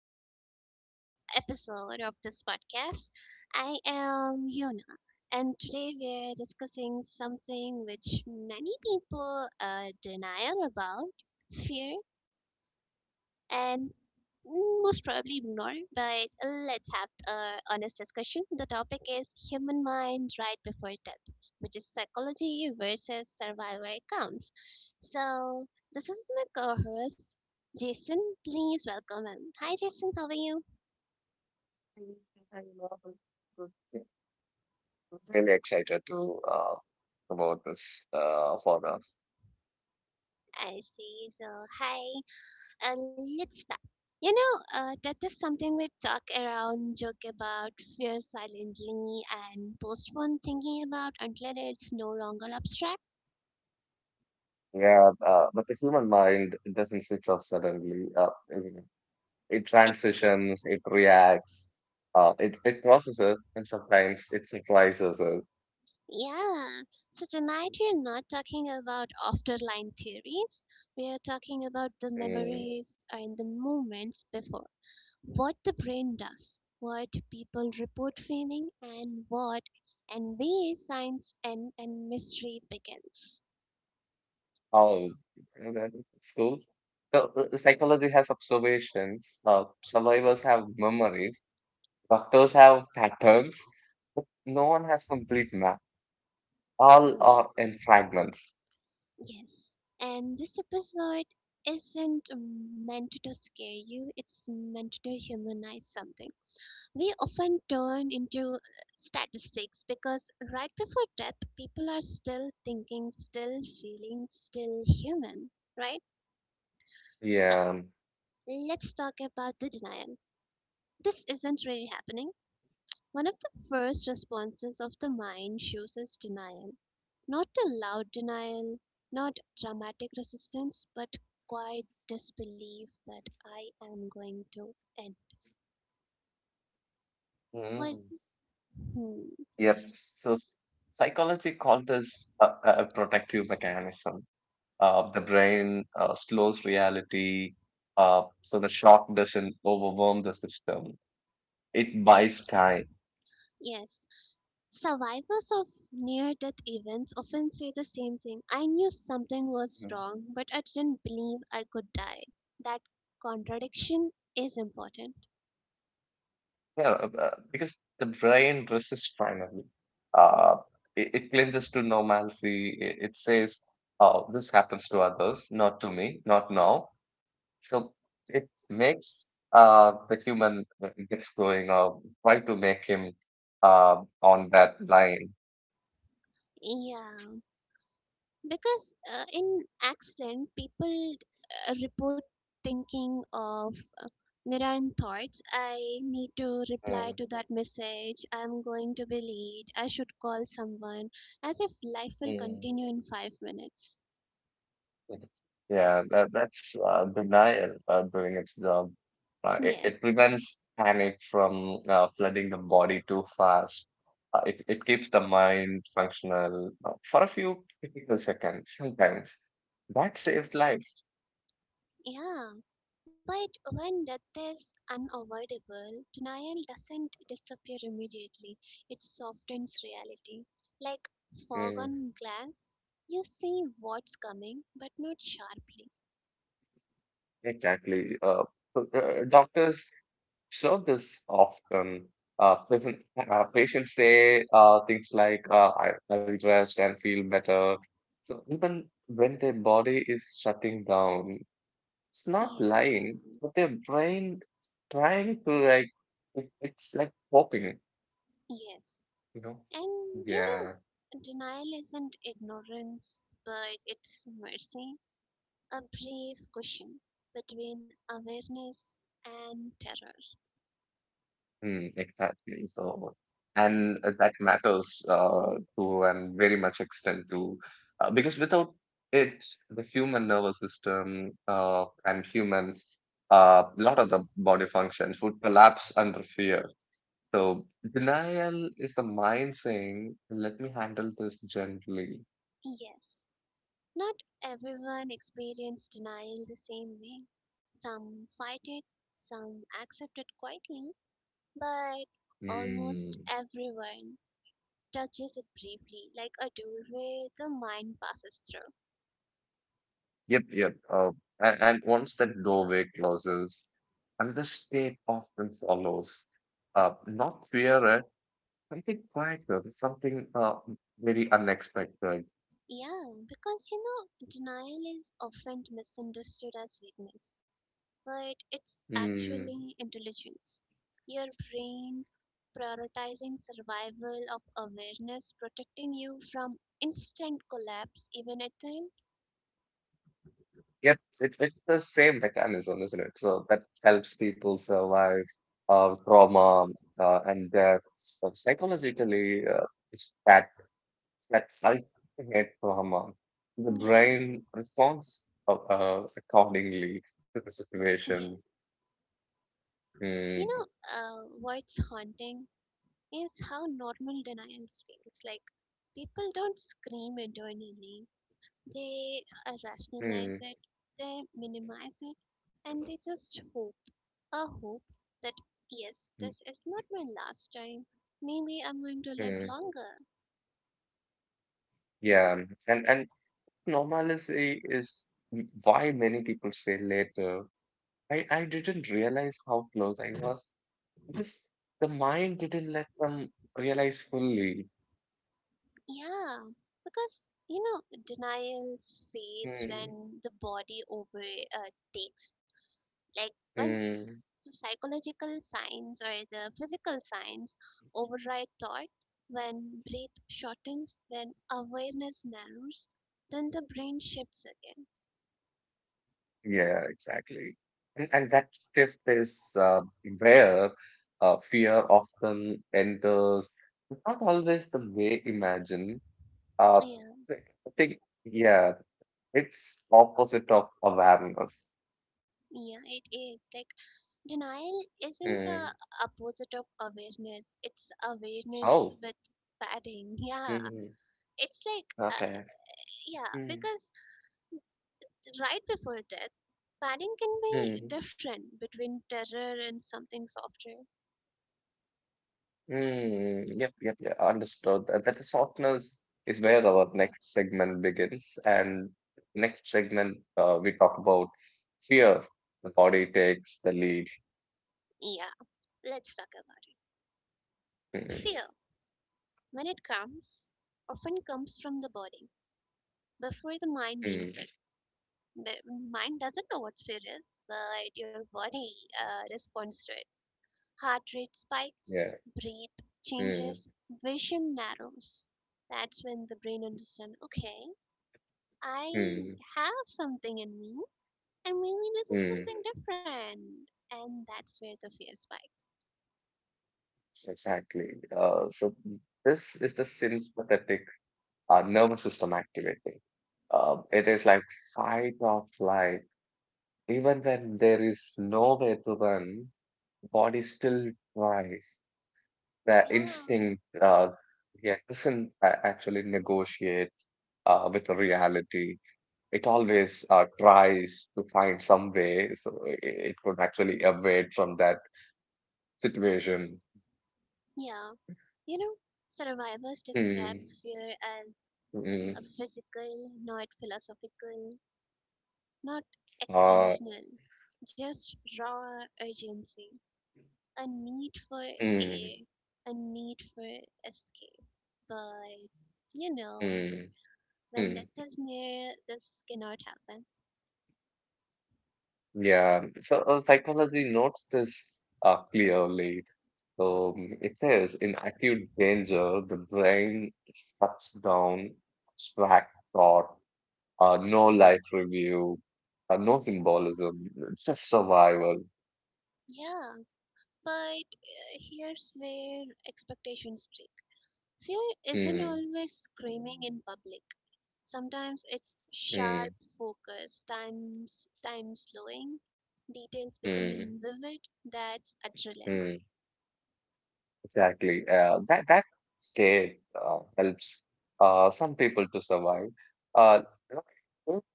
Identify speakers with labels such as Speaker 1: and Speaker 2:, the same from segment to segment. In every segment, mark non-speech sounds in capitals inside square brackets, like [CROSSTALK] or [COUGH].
Speaker 1: to another episode of this podcast. I am Yona, and today we're discussing something which many people denial about fear and most probably ignore, but let's have a honest discussion. The topic is human mind right before death, which is psychology versus survival accounts. So this is my co-host Jason. Please welcome him. Hi, Jason. How are you?
Speaker 2: Really excited to about this further.
Speaker 1: I see. So hi. Uh, let's start. You know, death is something we talk around, joke about, fear silently, and postpone thinking about until it's no longer abstract.
Speaker 2: Yeah, but the human mind doesn't switch off suddenly. It
Speaker 1: It,
Speaker 2: transitions, it reacts, it processes, and sometimes it surprises us.
Speaker 1: yeah. So tonight we are not talking about afterline theories. We are talking about the
Speaker 2: Mm,
Speaker 1: memories and the moments before. What the brain does, what people report feeling, and what and where science and mystery begins.
Speaker 2: oh, that's cool. So psychology has observations. Survivors have memories. Doctors have patterns. But no one has complete map. All
Speaker 1: No,
Speaker 2: are in fragments.
Speaker 1: yes. And this episode isn't meant to scare you, it's meant to humanize something. We often turn into statistics because right before death, people are still thinking, still feeling, still human, right? So
Speaker 2: Yeah.
Speaker 1: let's talk about the denial. This isn't really happening. One of the first responses of the mind shows us denial. Not a loud denial, not dramatic resistance, but quiet disbelief that I am going to end. Well,
Speaker 2: Mm.
Speaker 1: hmm,
Speaker 2: Yep. So psychology calls this a protective mechanism. The brain slows reality, so the shock doesn't overwhelm the system. It buys time.
Speaker 1: yes. Survivors of near death events often say the same thing: I knew something was
Speaker 2: Mhm.
Speaker 1: wrong, but I didn't believe I could die. That contradiction is important.
Speaker 2: Yeah, because the brain resists finally. Uh, it clinches to normalcy. It says, "Oh, this happens to others, not to me, not now." So it makes the human gets going try to make him on that line.
Speaker 1: Yeah, because in accident, people report thinking of mirror and thoughts. I need to reply
Speaker 2: Mm,
Speaker 1: to that message. I'm going to be late. I should call someone, as if life will
Speaker 2: mm,
Speaker 1: continue in 5 minutes.
Speaker 2: mm. Yeah, that's denial doing its job. It
Speaker 1: Yes.
Speaker 2: prevents panic from flooding the body too fast. It keeps the mind functional for a few critical seconds sometimes. That saved lives.
Speaker 1: Yeah, but when death is unavoidable, denial doesn't disappear immediately. It softens reality. Like fog
Speaker 2: Mm,
Speaker 1: on glass, you see what's coming, but not sharply.
Speaker 2: exactly. So, uh, doctors So this often, patients say things like, I will rest and feel better. So even when their body is shutting down, it's not
Speaker 1: Yeah,
Speaker 2: lying, but their brain trying to like, it's like hoping,
Speaker 1: yes.
Speaker 2: you know?
Speaker 1: And you
Speaker 2: Yeah.
Speaker 1: know, denial isn't ignorance, but it's mercy, a brief cushion between awareness and terror.
Speaker 2: Mm, exactly. So, and that matters to and very much extent to because without it, the human nervous system and humans, a lot of the body functions would collapse under fear. So, denial is the mind saying, "Let me handle this gently."
Speaker 1: Yes. Not everyone experienced denial the same way. Some fight it, some accept it quietly, but almost
Speaker 2: Mm.
Speaker 1: everyone touches it briefly, like a doorway the mind passes through.
Speaker 2: Yep, yep. And once that doorway closes, another state often follows not fear I think quite well. It's something very unexpected.
Speaker 1: Yeah, because you know, denial is often misunderstood as weakness, but it's
Speaker 2: Mm.
Speaker 1: actually intelligence. Your brain prioritizing survival of awareness, protecting you from instant collapse, even at time.
Speaker 2: Yet it's the same mechanism, isn't it? So that helps people survive trauma and death. So psychologically, it's that ultimate trauma. The
Speaker 1: Yeah,
Speaker 2: brain responds accordingly to the
Speaker 1: yeah.
Speaker 2: situation.
Speaker 1: You know,
Speaker 2: Mm,
Speaker 1: what's haunting is how normal denials feels. Like people don't scream internally; they rationalize
Speaker 2: mm,
Speaker 1: it, they minimize it, and they just hope. A hope that yes,
Speaker 2: mm,
Speaker 1: this is not my last time. Maybe I'm going to live
Speaker 2: mm.
Speaker 1: longer.
Speaker 2: Yeah, and normalcy is why many people say later. I didn't realize how close I was. Because the mind didn't let them realize fully.
Speaker 1: Yeah, because you know, denial fades
Speaker 2: Hmm.
Speaker 1: when the body overtakes, like when
Speaker 2: Hmm.
Speaker 1: psychological signs or the physical signs override thought. When breath shortens, when awareness narrows, then the brain shifts again.
Speaker 2: Yeah, exactly. And that shift is where fear often enters. It's not always the way imagined. Uh,
Speaker 1: Yeah,
Speaker 2: I think, yeah, it's opposite of awareness.
Speaker 1: yeah, it is. Like denial isn't
Speaker 2: Hmm.
Speaker 1: the opposite of awareness. It's awareness
Speaker 2: Oh.
Speaker 1: with padding. Yeah.
Speaker 2: Hmm.
Speaker 1: It's like, uh,
Speaker 2: Okay.
Speaker 1: yeah,
Speaker 2: Mm,
Speaker 1: because right before death, padding can be
Speaker 2: mm,
Speaker 1: different between terror and something softer.
Speaker 2: mm. Yep, yep, yeah, understood. That softeners is where our next segment begins. And next segment, we talk about fear. The body takes the lead.
Speaker 1: Yeah. Let's talk about it.
Speaker 2: Mm,
Speaker 1: Fear, when it comes, often comes from the body before the mind names
Speaker 2: mm,
Speaker 1: it. The mind doesn't know what fear is, but your body responds to it. Heart rate spikes,
Speaker 2: yeah,
Speaker 1: breath
Speaker 2: mm,
Speaker 1: changes, vision narrows. That's when the brain understands okay, I
Speaker 2: mm,
Speaker 1: have something in me, and maybe this is
Speaker 2: mm.
Speaker 1: something different. And that's where the fear spikes.
Speaker 2: Exactly. So this is the sympathetic nervous system activating. It is like fight or flight. Even when there is nowhere to run, body still tries. The
Speaker 1: Yeah,
Speaker 2: instinct, yeah, doesn't actually negotiate with the reality. It always tries to find some way so it could actually evade from that situation.
Speaker 1: yeah. You know, survivors describe
Speaker 2: Mm,
Speaker 1: fear as a
Speaker 2: mm,
Speaker 1: physical, not philosophical, not
Speaker 2: uh,
Speaker 1: existential, just raw urgency. A need for air,
Speaker 2: mm,
Speaker 1: a need for escape. But, you know,
Speaker 2: mm,
Speaker 1: when death
Speaker 2: mm.
Speaker 1: is near, this cannot happen.
Speaker 2: Yeah, so psychology notes this clearly. It says in acute danger, the brain shuts down, abstract thought, no life review, no symbolism, just survival.
Speaker 1: Yeah, but here's where expectations break. Fear isn't
Speaker 2: Hmm,
Speaker 1: always screaming in public. Sometimes it's sharp
Speaker 2: hmm,
Speaker 1: focus, times time slowing, details becoming
Speaker 2: hmm,
Speaker 1: vivid. That's adrenaline.
Speaker 2: hmm. Exactly. That state helps some people to survive. Uh, okay.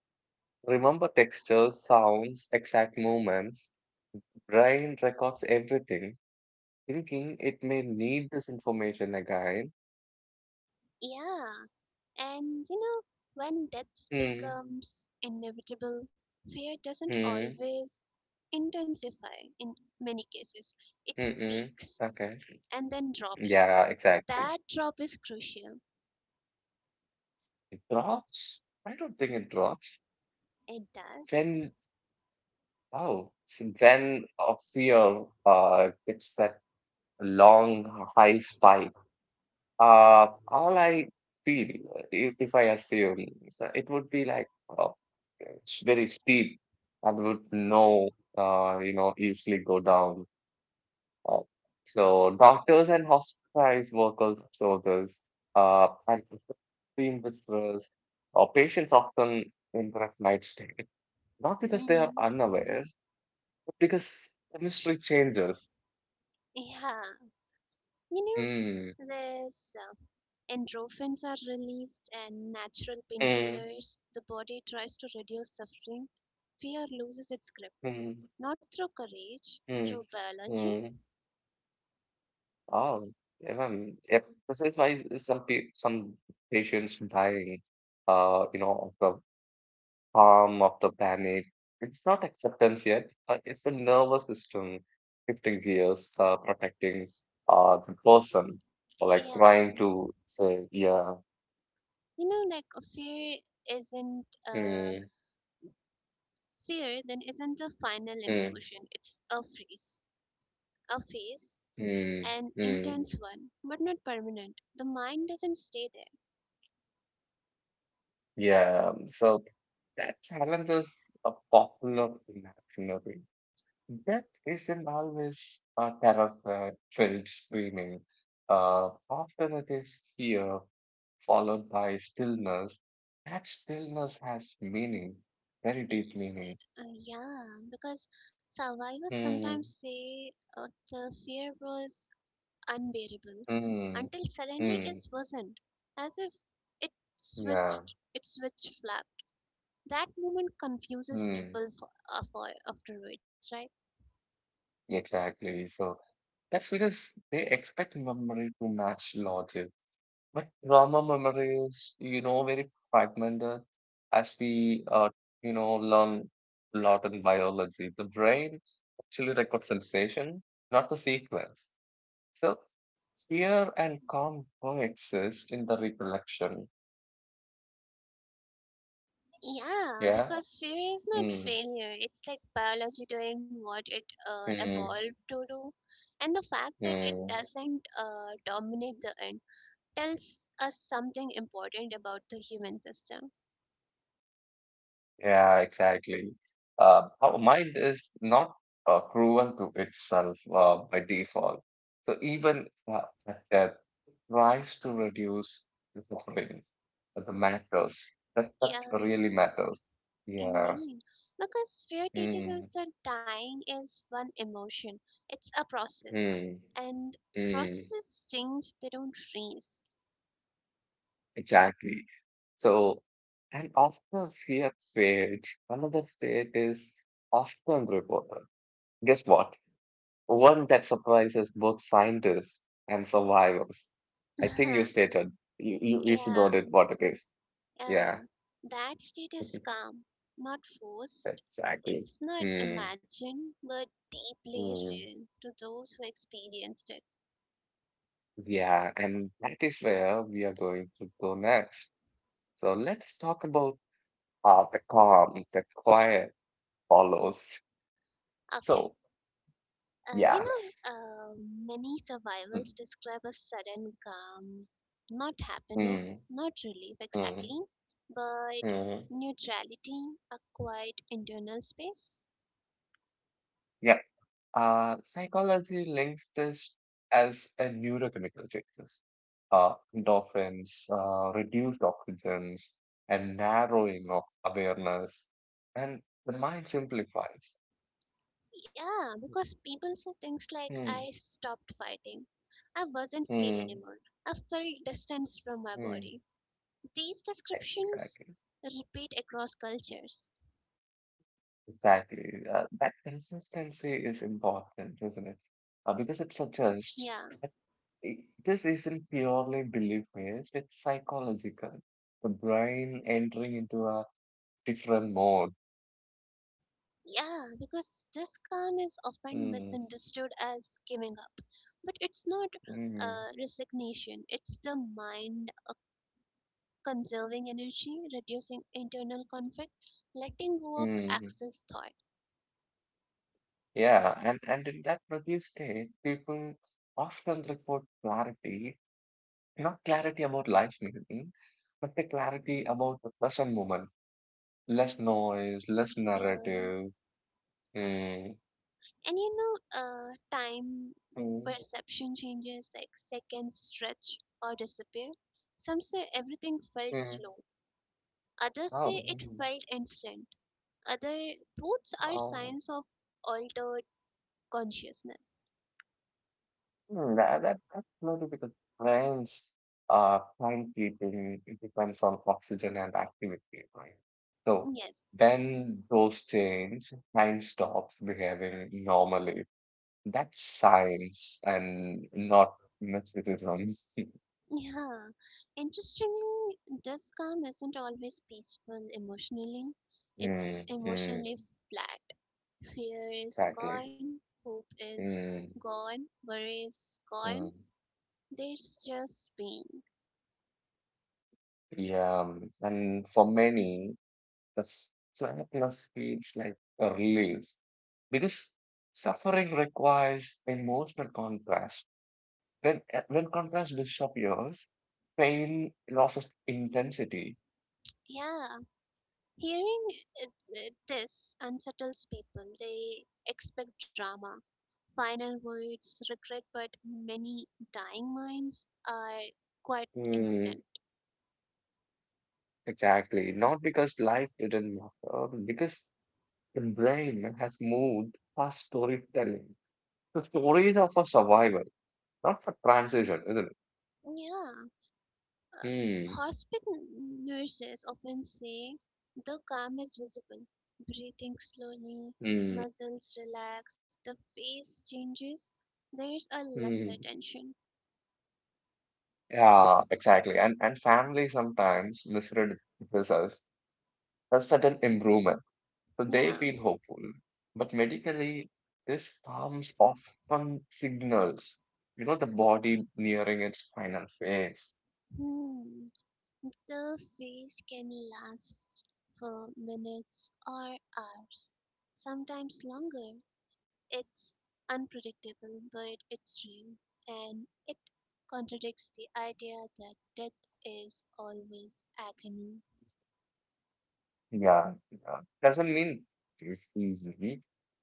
Speaker 2: Remember textures, sounds, exact movements. Brain records everything, thinking it may need this information again.
Speaker 1: Yeah, and you know, when death
Speaker 2: Mm,
Speaker 1: becomes inevitable, fear doesn't
Speaker 2: mm,
Speaker 1: always intensify in many cases. It
Speaker 2: mm.
Speaker 1: peaks
Speaker 2: Okay.
Speaker 1: and then drops.
Speaker 2: Yeah, exactly.
Speaker 1: That drop is crucial.
Speaker 2: It drops? I don't think it drops.
Speaker 1: It does.
Speaker 2: Then, oh, so then a fear gets that long high spike. All I feel, if I assume, is that it would be like oh, it's very steep and would no, easily go down. Uh, so doctors and hospitalized workers, soldiers, and extreme visitors, or patients often interact night stay. Not because they are
Speaker 1: And
Speaker 2: unaware, but because chemistry changes.
Speaker 1: yeah, you
Speaker 2: Hmm.
Speaker 1: know, there's endorphins are released and natural
Speaker 2: Hmm.
Speaker 1: painkillers. The body tries to reduce suffering. Fear loses its grip,
Speaker 2: Hmm.
Speaker 1: not through courage,
Speaker 2: Hmm.
Speaker 1: through biology.
Speaker 2: Hmm. Oh, even yep. This is why some patients dying, of the calm of the panic. It's not acceptance yet. It's the nervous system shifting gears, protecting the person, or like
Speaker 1: Yeah.
Speaker 2: trying to say, yeah,
Speaker 1: You know, like a fear isn't
Speaker 2: mm,
Speaker 1: fear, then isn't the final
Speaker 2: mm,
Speaker 1: emotion. It's a phase,
Speaker 2: mm,
Speaker 1: an
Speaker 2: mm,
Speaker 1: intense one, but not permanent. The mind doesn't stay there.
Speaker 2: yeah. So that challenges a popular imaginary. Death is isn't always a terror-filled screaming. Often it is fear followed by stillness. That stillness has meaning, very
Speaker 1: Y-
Speaker 2: deep meaning.
Speaker 1: Yeah, because survivors
Speaker 2: Hmm,
Speaker 1: sometimes say the fear was unbearable
Speaker 2: hmm,
Speaker 1: until suddenly it
Speaker 2: hmm.
Speaker 1: wasn't, as if it
Speaker 2: Yeah,
Speaker 1: switched, it switch flapped. That moment confuses
Speaker 2: hmm.
Speaker 1: people for afterwards, right?
Speaker 2: Exactly. So that's because they expect memory to match logic. But trauma memory is, very fragmented as we, learn a lot in biology. The brain actually records sensation, not the sequence. So fear and calm coexist in the recollection.
Speaker 1: Yeah,
Speaker 2: Yeah.
Speaker 1: because fear is not
Speaker 2: Mm,
Speaker 1: failure. It's like biology doing what it
Speaker 2: mm,
Speaker 1: evolved to do. And the fact that it
Speaker 2: mm.
Speaker 1: doesn't dominate the end tells us something important about the human system.
Speaker 2: Yeah, exactly. Our mind is not cruel to itself by default. So even uh, at death, it tries to reduce the suffering. But the matters that
Speaker 1: Yeah,
Speaker 2: really matters. Yeah.
Speaker 1: indeed. Because fear teaches
Speaker 2: Mm,
Speaker 1: us that dying is one emotion, it's a process.
Speaker 2: mm,
Speaker 1: And
Speaker 2: mm,
Speaker 1: processes change, they don't freeze.
Speaker 2: exactly. So, and after fear fades, another fate is often reported. Guess what? One that surprises both scientists and survivors. I think you
Speaker 1: [LAUGHS]
Speaker 2: stated you should know
Speaker 1: Yeah.
Speaker 2: that what it is.
Speaker 1: Uh,
Speaker 2: Yeah,
Speaker 1: that state is
Speaker 2: [LAUGHS]
Speaker 1: calm, not forced.
Speaker 2: exactly.
Speaker 1: It's not
Speaker 2: Hmm.
Speaker 1: imagined, but deeply
Speaker 2: Mm.
Speaker 1: real to those who experienced it.
Speaker 2: Yeah, and that is where we are going to go next. So let's talk about the calm, the quiet follows.
Speaker 1: Okay.
Speaker 2: So
Speaker 1: You
Speaker 2: yeah.
Speaker 1: know, many
Speaker 2: Hmm.
Speaker 1: survivals describe a sudden calm, not
Speaker 2: Hmm.
Speaker 1: happiness, not relief
Speaker 2: Mm,
Speaker 1: exactly, but
Speaker 2: mm.
Speaker 1: neutrality, a quiet internal space.
Speaker 2: Psychology links this as a neurochemical changes. Endorphins, reduced oxygens, and narrowing of awareness, and the mind simplifies.
Speaker 1: Yeah, because people say things like,
Speaker 2: Hmm,
Speaker 1: I stopped fighting. I wasn't scared
Speaker 2: hmm,
Speaker 1: anymore. I felt distance from my
Speaker 2: hmm.
Speaker 1: body. These descriptions
Speaker 2: Exactly,
Speaker 1: repeat across cultures.
Speaker 2: exactly. That consistency is important, isn't it? Because it suggests
Speaker 1: Yeah,
Speaker 2: that this isn't purely belief-based; it's psychological. The brain entering into a different mode.
Speaker 1: yeah, because this calm is often
Speaker 2: Mm,
Speaker 1: misunderstood as giving up. But it's not
Speaker 2: mm,
Speaker 1: resignation, it's the mind conserving energy, reducing internal conflict, letting go of
Speaker 2: mm.
Speaker 1: excess thought.
Speaker 2: Yeah, and in that review stage, people often report clarity, not clarity about life meaning, but the clarity about the present moment. Less noise, less
Speaker 1: Yeah.
Speaker 2: narrative. Mm,
Speaker 1: And you know, time
Speaker 2: mm,
Speaker 1: perception changes like seconds stretch or disappear. Some say everything felt
Speaker 2: mm.
Speaker 1: slow, others say
Speaker 2: Oh,
Speaker 1: it felt instant. Other, both are
Speaker 2: mm.
Speaker 1: signs of altered consciousness.
Speaker 2: Mm, that's maybe because brains plant eating it depends on oxygen and activity, right? So
Speaker 1: Yes,
Speaker 2: when those change, time stops behaving normally. That's science and not mysticism. [LAUGHS]
Speaker 1: yeah. Interestingly this calm isn't always peaceful emotionally, it's
Speaker 2: Mm, mm,
Speaker 1: emotionally flat. Fear is
Speaker 2: exactly.
Speaker 1: gone, hope is
Speaker 2: Mm,
Speaker 1: gone, worry is gone.
Speaker 2: mm.
Speaker 1: There's just being.
Speaker 2: Yeah, and for many, the sadness feels like a relief because suffering requires emotional contrast. When, when contrast disappears, pain loses intensity.
Speaker 1: Yeah, hearing it, this unsettles people. They expect drama, final words, regret, but many dying minds are quite
Speaker 2: Hmm,
Speaker 1: instant.
Speaker 2: exactly. Not because life didn't matter, but because the brain has moved past storytelling. The stories are for survival, not for transition, isn't it?
Speaker 1: Yeah, uh,
Speaker 2: Hmm.
Speaker 1: hospital nurses often say the calm is visible. Breathing slowly,
Speaker 2: Hmm.
Speaker 1: muscles relax, the face changes. There's a lesser
Speaker 2: Hmm.
Speaker 1: tension.
Speaker 2: Yeah, exactly. And family sometimes misread this a sudden improvement. So they
Speaker 1: Yeah.
Speaker 2: feel hopeful. But medically, this comes often signals, the body nearing its final phase.
Speaker 1: Hmm. The phase can last for minutes or hours, sometimes longer. It's unpredictable, but it's real, and it contradicts the idea that death is always agony.
Speaker 2: Yeah, yeah. Doesn't mean it's easy.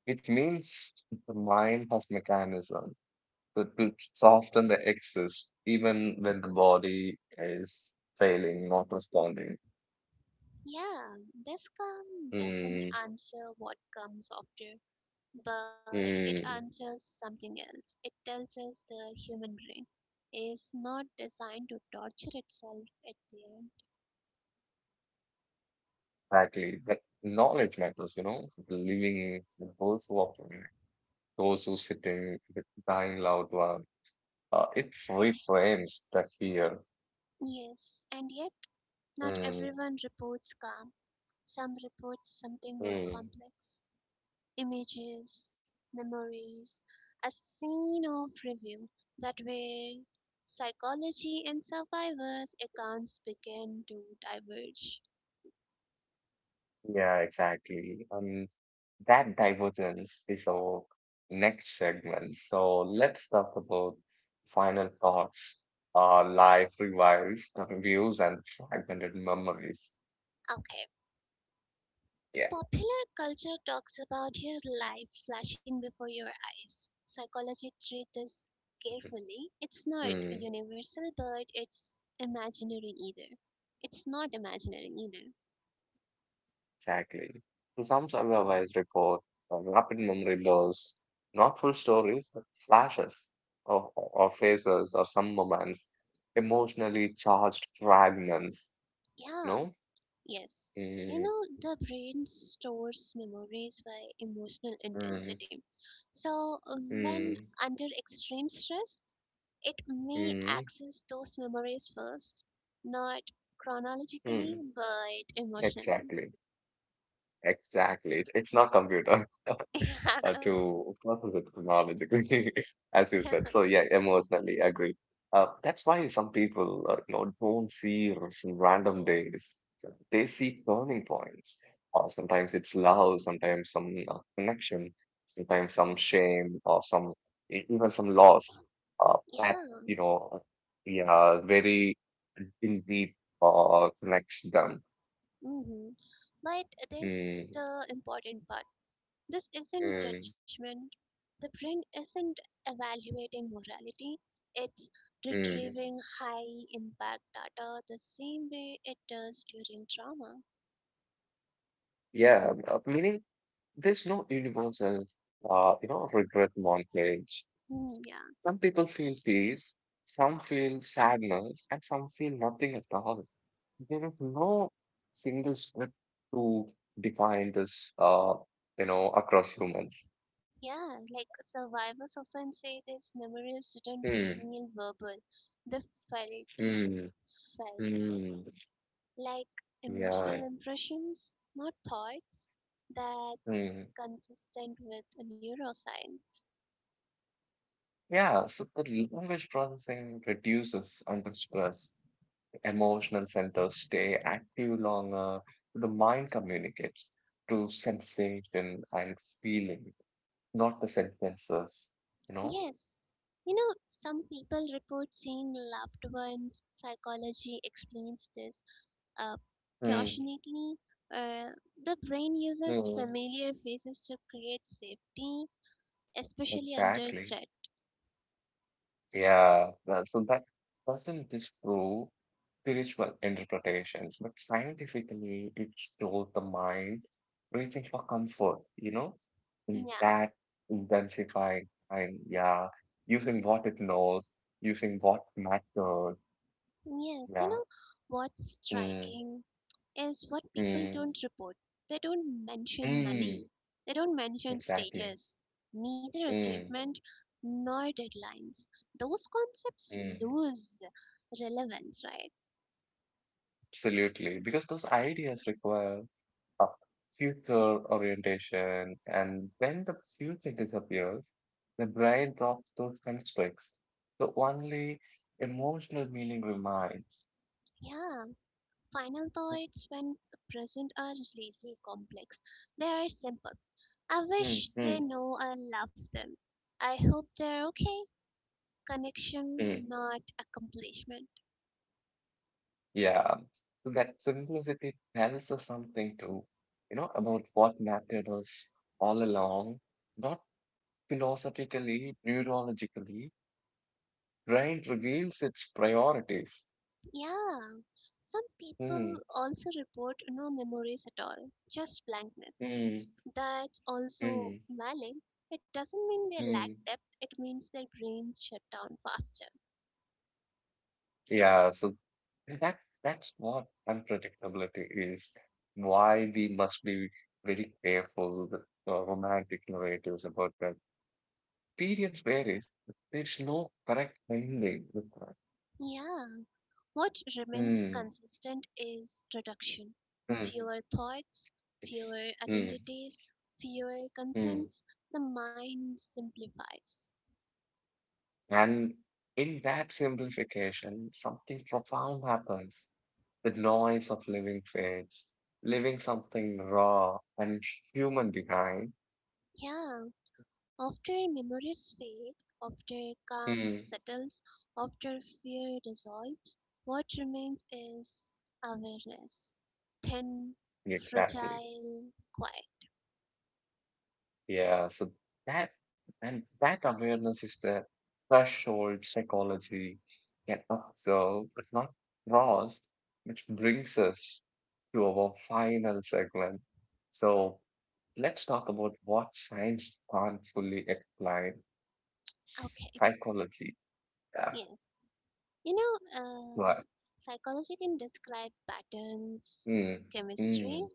Speaker 2: It means the mind has mechanism to soften the excess, even when the body is failing, not responding.
Speaker 1: Yeah, this calm doesn't
Speaker 2: Mm,
Speaker 1: answer what comes after, but it
Speaker 2: mm,
Speaker 1: answers something else. It tells us the human brain is not designed to torture itself at the end.
Speaker 2: exactly. That knowledge matters, living the whole walk. Those who sit in with dying loved one. It reframes the fear.
Speaker 1: Yes, and yet not
Speaker 2: Mm,
Speaker 1: everyone reports calm. Some report something more
Speaker 2: mm.
Speaker 1: complex: images, memories, a scene of review. That way, psychology and survivors' accounts begin to diverge.
Speaker 2: Yeah, exactly. That divergence is our next segment. So let's talk about final thoughts, life revives, views, and fragmented memories.
Speaker 1: Okay.
Speaker 2: Yeah.
Speaker 1: Popular culture talks about your life flashing before your eyes. Psychology treats this carefully. It's not
Speaker 2: Hmm.
Speaker 1: universal, but it's imaginary either. It's not imaginary either.
Speaker 2: Exactly. And some survivors report rapid memory loss, not full stories, but flashes of, of faces or some moments, emotionally charged fragments.
Speaker 1: Yeah,
Speaker 2: No?
Speaker 1: yes. You
Speaker 2: Mm,
Speaker 1: know, the brain stores memories by emotional
Speaker 2: mm,
Speaker 1: intensity. So, when
Speaker 2: mm,
Speaker 1: under extreme stress, it may
Speaker 2: mm,
Speaker 1: access those memories first, not chronologically,
Speaker 2: mm.
Speaker 1: but emotionally.
Speaker 2: Exactly. Exactly. It's not computer. [LAUGHS]
Speaker 1: [LAUGHS]
Speaker 2: To process it chronologically, [LAUGHS] as you
Speaker 1: Yeah,
Speaker 2: said. So yeah, emotionally agree. That's why some people, don't see some random days. They see turning points. Or sometimes it's love, sometimes some connection, sometimes some shame, or some even some loss. That
Speaker 1: yeah.
Speaker 2: you know, yeah, very in deep connects them.
Speaker 1: Hmm. But this
Speaker 2: Mm,
Speaker 1: the important part. This isn't
Speaker 2: mm,
Speaker 1: judgment. The brain isn't evaluating morality. It's
Speaker 2: mm.
Speaker 1: retrieving high impact data the same way it does during trauma.
Speaker 2: Yeah, meaning there's no universal, regret montage.
Speaker 1: Hmm, yeah,
Speaker 2: Some people feel peace, some feel sadness, and some feel nothing at all. There is no single script to define this, across humans.
Speaker 1: yeah. Like survivors often say, these memories didn't
Speaker 2: Hmm,
Speaker 1: feel verbal; they felt.
Speaker 2: hmm,
Speaker 1: Felt.
Speaker 2: hmm,
Speaker 1: Like
Speaker 2: yeah,
Speaker 1: emotional impressions, not thoughts. That's
Speaker 2: hmm.
Speaker 1: consistent with neuroscience.
Speaker 2: Yeah, so the language processing reduces under stress. Emotional centers stay active longer. The mind communicates through sensation and feeling, not the sentences, you know?
Speaker 1: Yes, you know, some people report seeing loved ones. Psychology explains this uh,
Speaker 2: Mm,
Speaker 1: cautionately. Uh, the brain uses
Speaker 2: mm,
Speaker 1: familiar faces to create safety, especially under
Speaker 2: exactly.
Speaker 1: threat.
Speaker 2: Yeah. So that doesn't disprove spiritual interpretations, but scientifically, it shows the mind reaching for comfort, you know? In
Speaker 1: Yeah,
Speaker 2: that intensifying and yeah, using what it knows, using what matters.
Speaker 1: yes, you
Speaker 2: Yeah.
Speaker 1: know, what's
Speaker 2: Mm,
Speaker 1: striking is what people
Speaker 2: mm,
Speaker 1: don't report. They don't mention
Speaker 2: mm,
Speaker 1: money, they don't mention
Speaker 2: exactly.
Speaker 1: status, neither
Speaker 2: Mm,
Speaker 1: achievement nor deadlines. Those concepts
Speaker 2: mm,
Speaker 1: lose relevance, right?
Speaker 2: absolutely. Because those ideas require a future orientation, and when the future disappears, the brain drops those constructs. The only emotional meaning remains.
Speaker 1: Yeah, final thoughts when present are slightly complex. They are simple. I
Speaker 2: Mm,
Speaker 1: wish they
Speaker 2: mm,
Speaker 1: know I love them. I hope they're okay.
Speaker 2: mm.
Speaker 1: Connection, not accomplishment.
Speaker 2: Yeah. So that simplicity tells us something too, about what mattered us all along, not philosophically, neurologically right reveals its priorities.
Speaker 1: Yeah, some
Speaker 2: Hmm,
Speaker 1: people also report no memories at all, just blankness.
Speaker 2: hmm,
Speaker 1: That's also
Speaker 2: hmm,
Speaker 1: valid. It doesn't mean they lack
Speaker 2: hmm.
Speaker 1: depth, it means their brains shut down faster.
Speaker 2: Yeah, so that that's what unpredictability is. Why we must be very careful with romantic narratives about that. Periods varies. There's no correct ending with that.
Speaker 1: Yeah, what remains
Speaker 2: Hmm,
Speaker 1: consistent is reduction.
Speaker 2: hmm,
Speaker 1: Fewer thoughts,
Speaker 2: it's,
Speaker 1: fewer
Speaker 2: hmm,
Speaker 1: identities, fewer
Speaker 2: hmm.
Speaker 1: concerns. The mind simplifies.
Speaker 2: And in that simplification, something profound happens. The noise of living fades, leaving something raw and human behind.
Speaker 1: Yeah, after memories fade, after calm
Speaker 2: Hmm.
Speaker 1: settles, after fear dissolves, what remains is awareness. Thin,
Speaker 2: Exactly.
Speaker 1: fragile, quiet.
Speaker 2: Yeah. So that that awareness is the threshold psychology can observe, but not cross, which brings us to our final segment. So let's talk about what science can't fully explain.
Speaker 1: Okay,
Speaker 2: Psychology. Yeah.
Speaker 1: yes. You know, uh,
Speaker 2: Right.
Speaker 1: psychology can describe patterns,
Speaker 2: Mm,
Speaker 1: chemistry,
Speaker 2: mm,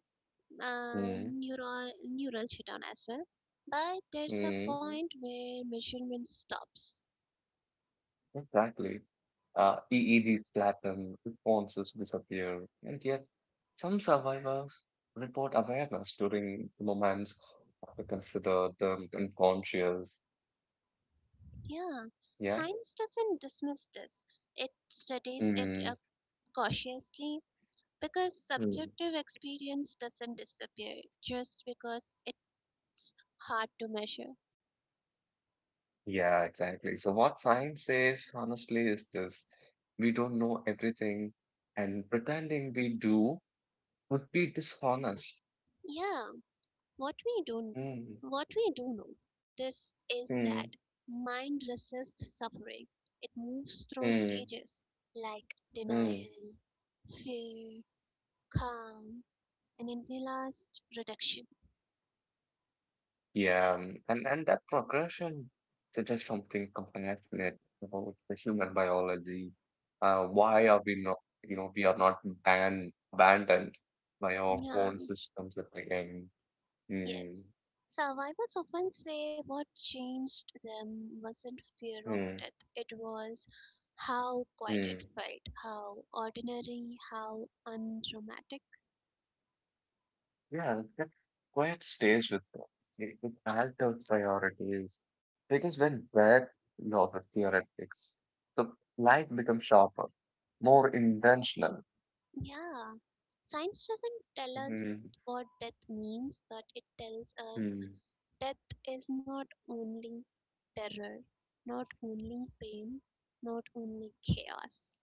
Speaker 2: mm.
Speaker 1: neural shutdown as well. But there's a
Speaker 2: Mm,
Speaker 1: point where measurement stops.
Speaker 2: exactly. EEGs flatten, responses disappear, and yet some survivors report awareness during the moments that are considered unconscious.
Speaker 1: Yeah,
Speaker 2: Yeah.
Speaker 1: science doesn't dismiss this. It studies it
Speaker 2: Mm,
Speaker 1: cautiously because
Speaker 2: mm.
Speaker 1: subjective experience doesn't disappear just because it's hard to measure.
Speaker 2: Yeah, exactly. So what science says, honestly, is this: we don't know everything, and pretending we do would be dishonest.
Speaker 1: Yeah, what we do,
Speaker 2: Mm,
Speaker 1: what we do know, this is that
Speaker 2: mm,
Speaker 1: mind resists suffering. It moves through
Speaker 2: mm, mm.
Speaker 1: stages like
Speaker 2: Mm.
Speaker 1: denial, fear, calm, and in the last reduction.
Speaker 2: Yeah, and that progression suggests something compassionate about the human biology. Why are we not, we are not ban abandoned by our
Speaker 1: Yeah,
Speaker 2: own systems at the end? Mm,
Speaker 1: yes. Survivors often say what changed them wasn't fear of
Speaker 2: mm,
Speaker 1: death, it was how quiet it
Speaker 2: mm.
Speaker 1: felt, how ordinary, how undramatic.
Speaker 2: Yeah, that quiet stays with us. It alters priorities because when bad are you the theoretics, the light becomes sharper, more intentional.
Speaker 1: Yeah. Science doesn't tell us
Speaker 2: Mm,
Speaker 1: what death means, but it tells us
Speaker 2: mm.
Speaker 1: death is not only terror, not only pain, not only chaos.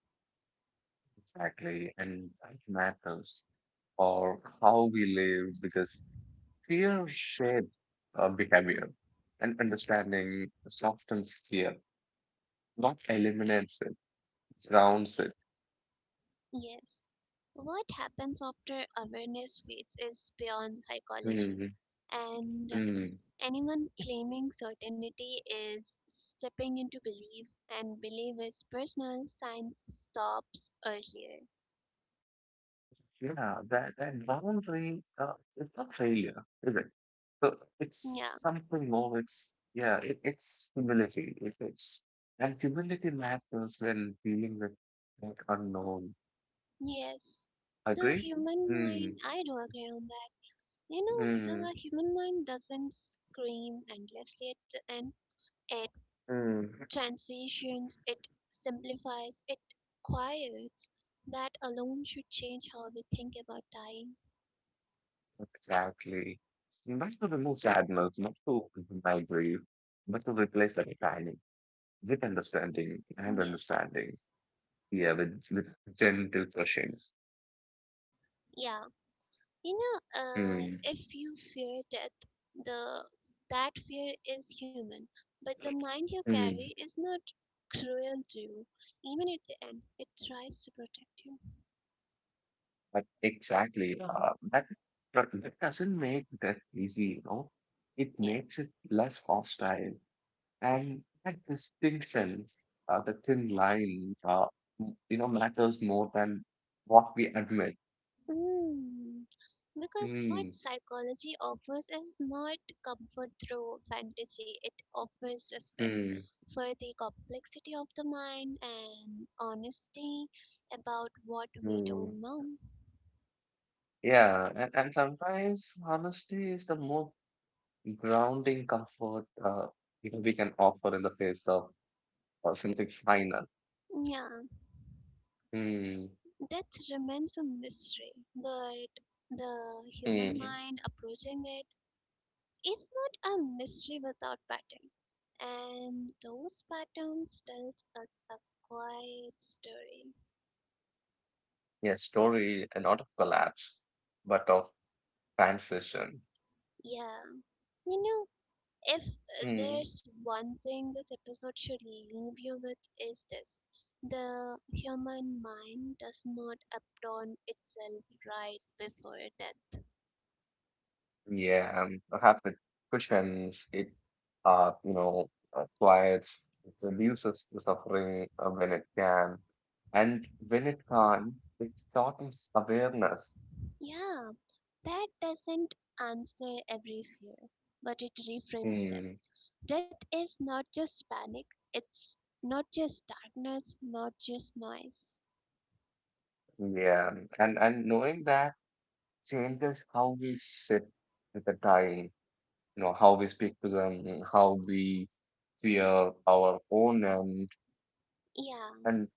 Speaker 2: Exactly, and that matters for how we live because fear shapes our behavior and understanding softens fear, not eliminates it, grounds it.
Speaker 1: Yes. What happens after awareness fades is beyond psychology,
Speaker 2: Hmm.
Speaker 1: and
Speaker 2: Hmm.
Speaker 1: anyone claiming certainty is stepping into belief, and belief is personal, science stops earlier.
Speaker 2: Yeah, that boundary it's not failure, is it? So it's
Speaker 1: Yeah,
Speaker 2: something more. It's yeah, it's humility. It, it's and humility matters when dealing with like unknown.
Speaker 1: yes. The
Speaker 2: Agree?
Speaker 1: human
Speaker 2: Hmm.
Speaker 1: mind, I do agree on that. You know,
Speaker 2: Hmm.
Speaker 1: the human mind doesn't scream endlessly at the end.
Speaker 2: Mm,
Speaker 1: Transitions, it simplifies, it quiets. That alone should change how we think about dying.
Speaker 2: exactly. Invest to remove sadness, not to deny grief, but to replace that panic with understanding and
Speaker 1: Yes,
Speaker 2: understanding. Yeah, with gentle questions.
Speaker 1: yeah. You know,
Speaker 2: Mm,
Speaker 1: if you fear death, the that fear is human, but the mind you carry
Speaker 2: mm.
Speaker 1: is not cruel to you. Even at the end, it tries to protect you.
Speaker 2: But exactly, but that doesn't make death easy. It
Speaker 1: Yes.
Speaker 2: makes it less hostile. And that distinction, the thin line, matters more than what we admit.
Speaker 1: Mm. Because what
Speaker 2: Mm,
Speaker 1: psychology offers is not comfort through fantasy, it offers respect
Speaker 2: mm.
Speaker 1: for the complexity of the mind and honesty about what we
Speaker 2: Mm,
Speaker 1: don't know.
Speaker 2: yeah, and sometimes honesty is the most grounding comfort we can offer in the face of something final.
Speaker 1: Yeah,
Speaker 2: Mm,
Speaker 1: death remains a mystery, but the human
Speaker 2: mm,
Speaker 1: mind approaching it is not a mystery without pattern. And those patterns tells us a quiet story.
Speaker 2: yeah, story and not of collapse, but of transition.
Speaker 1: Yeah, you know, if
Speaker 2: Mm,
Speaker 1: there's one thing this episode should leave you with is this. The human mind does not adorn itself right before death.
Speaker 2: yeah, and perhaps it cushions it, uh, you know, quiets, it reduces the suffering when it can, and when it can't, it shortens awareness.
Speaker 1: Yeah, that doesn't answer every fear, but it reframes them.
Speaker 2: Hmm.
Speaker 1: Death is not just panic, it's not just darkness, not just noise.
Speaker 2: Yeah, and knowing that changes how we sit with the dying, how we speak to them, how we fear our own end,
Speaker 1: Yeah,
Speaker 2: and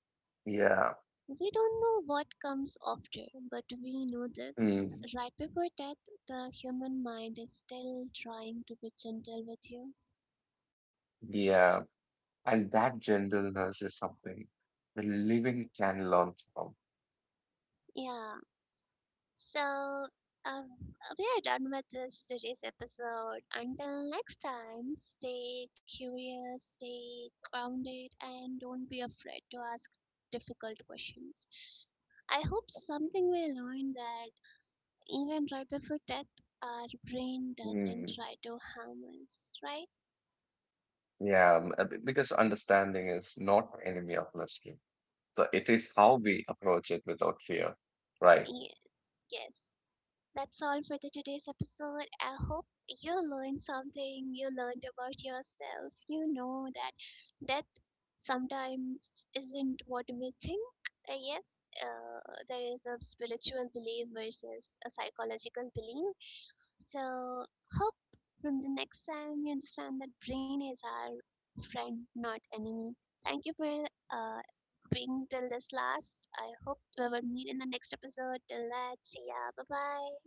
Speaker 2: yeah,
Speaker 1: we don't know what comes after, but we know this.
Speaker 2: mm,
Speaker 1: Right before death, the human mind is still trying to be gentle with you.
Speaker 2: yeah, and that gentleness is something the living can learn from.
Speaker 1: Yeah, so um, we are done with this today's episode. Until next time, stay curious, stay grounded, and don't be afraid to ask difficult questions. I hope something we learned that even right before death, our brain doesn't
Speaker 2: Mm,
Speaker 1: try to harm us, right?
Speaker 2: yeah, because understanding is not enemy of mystery, so it is how we approach it without fear, right?
Speaker 1: Yes, yes. That's all for the today's episode. I hope you learned something, you learned about yourself. You know that death sometimes isn't what we think. Yes, there is a spiritual belief versus a psychological belief. So hope from the next time you understand that brain is our friend, not enemy. Thank you for uh, being till this last. I hope we will meet in the next episode. Till that, see ya. Bye bye.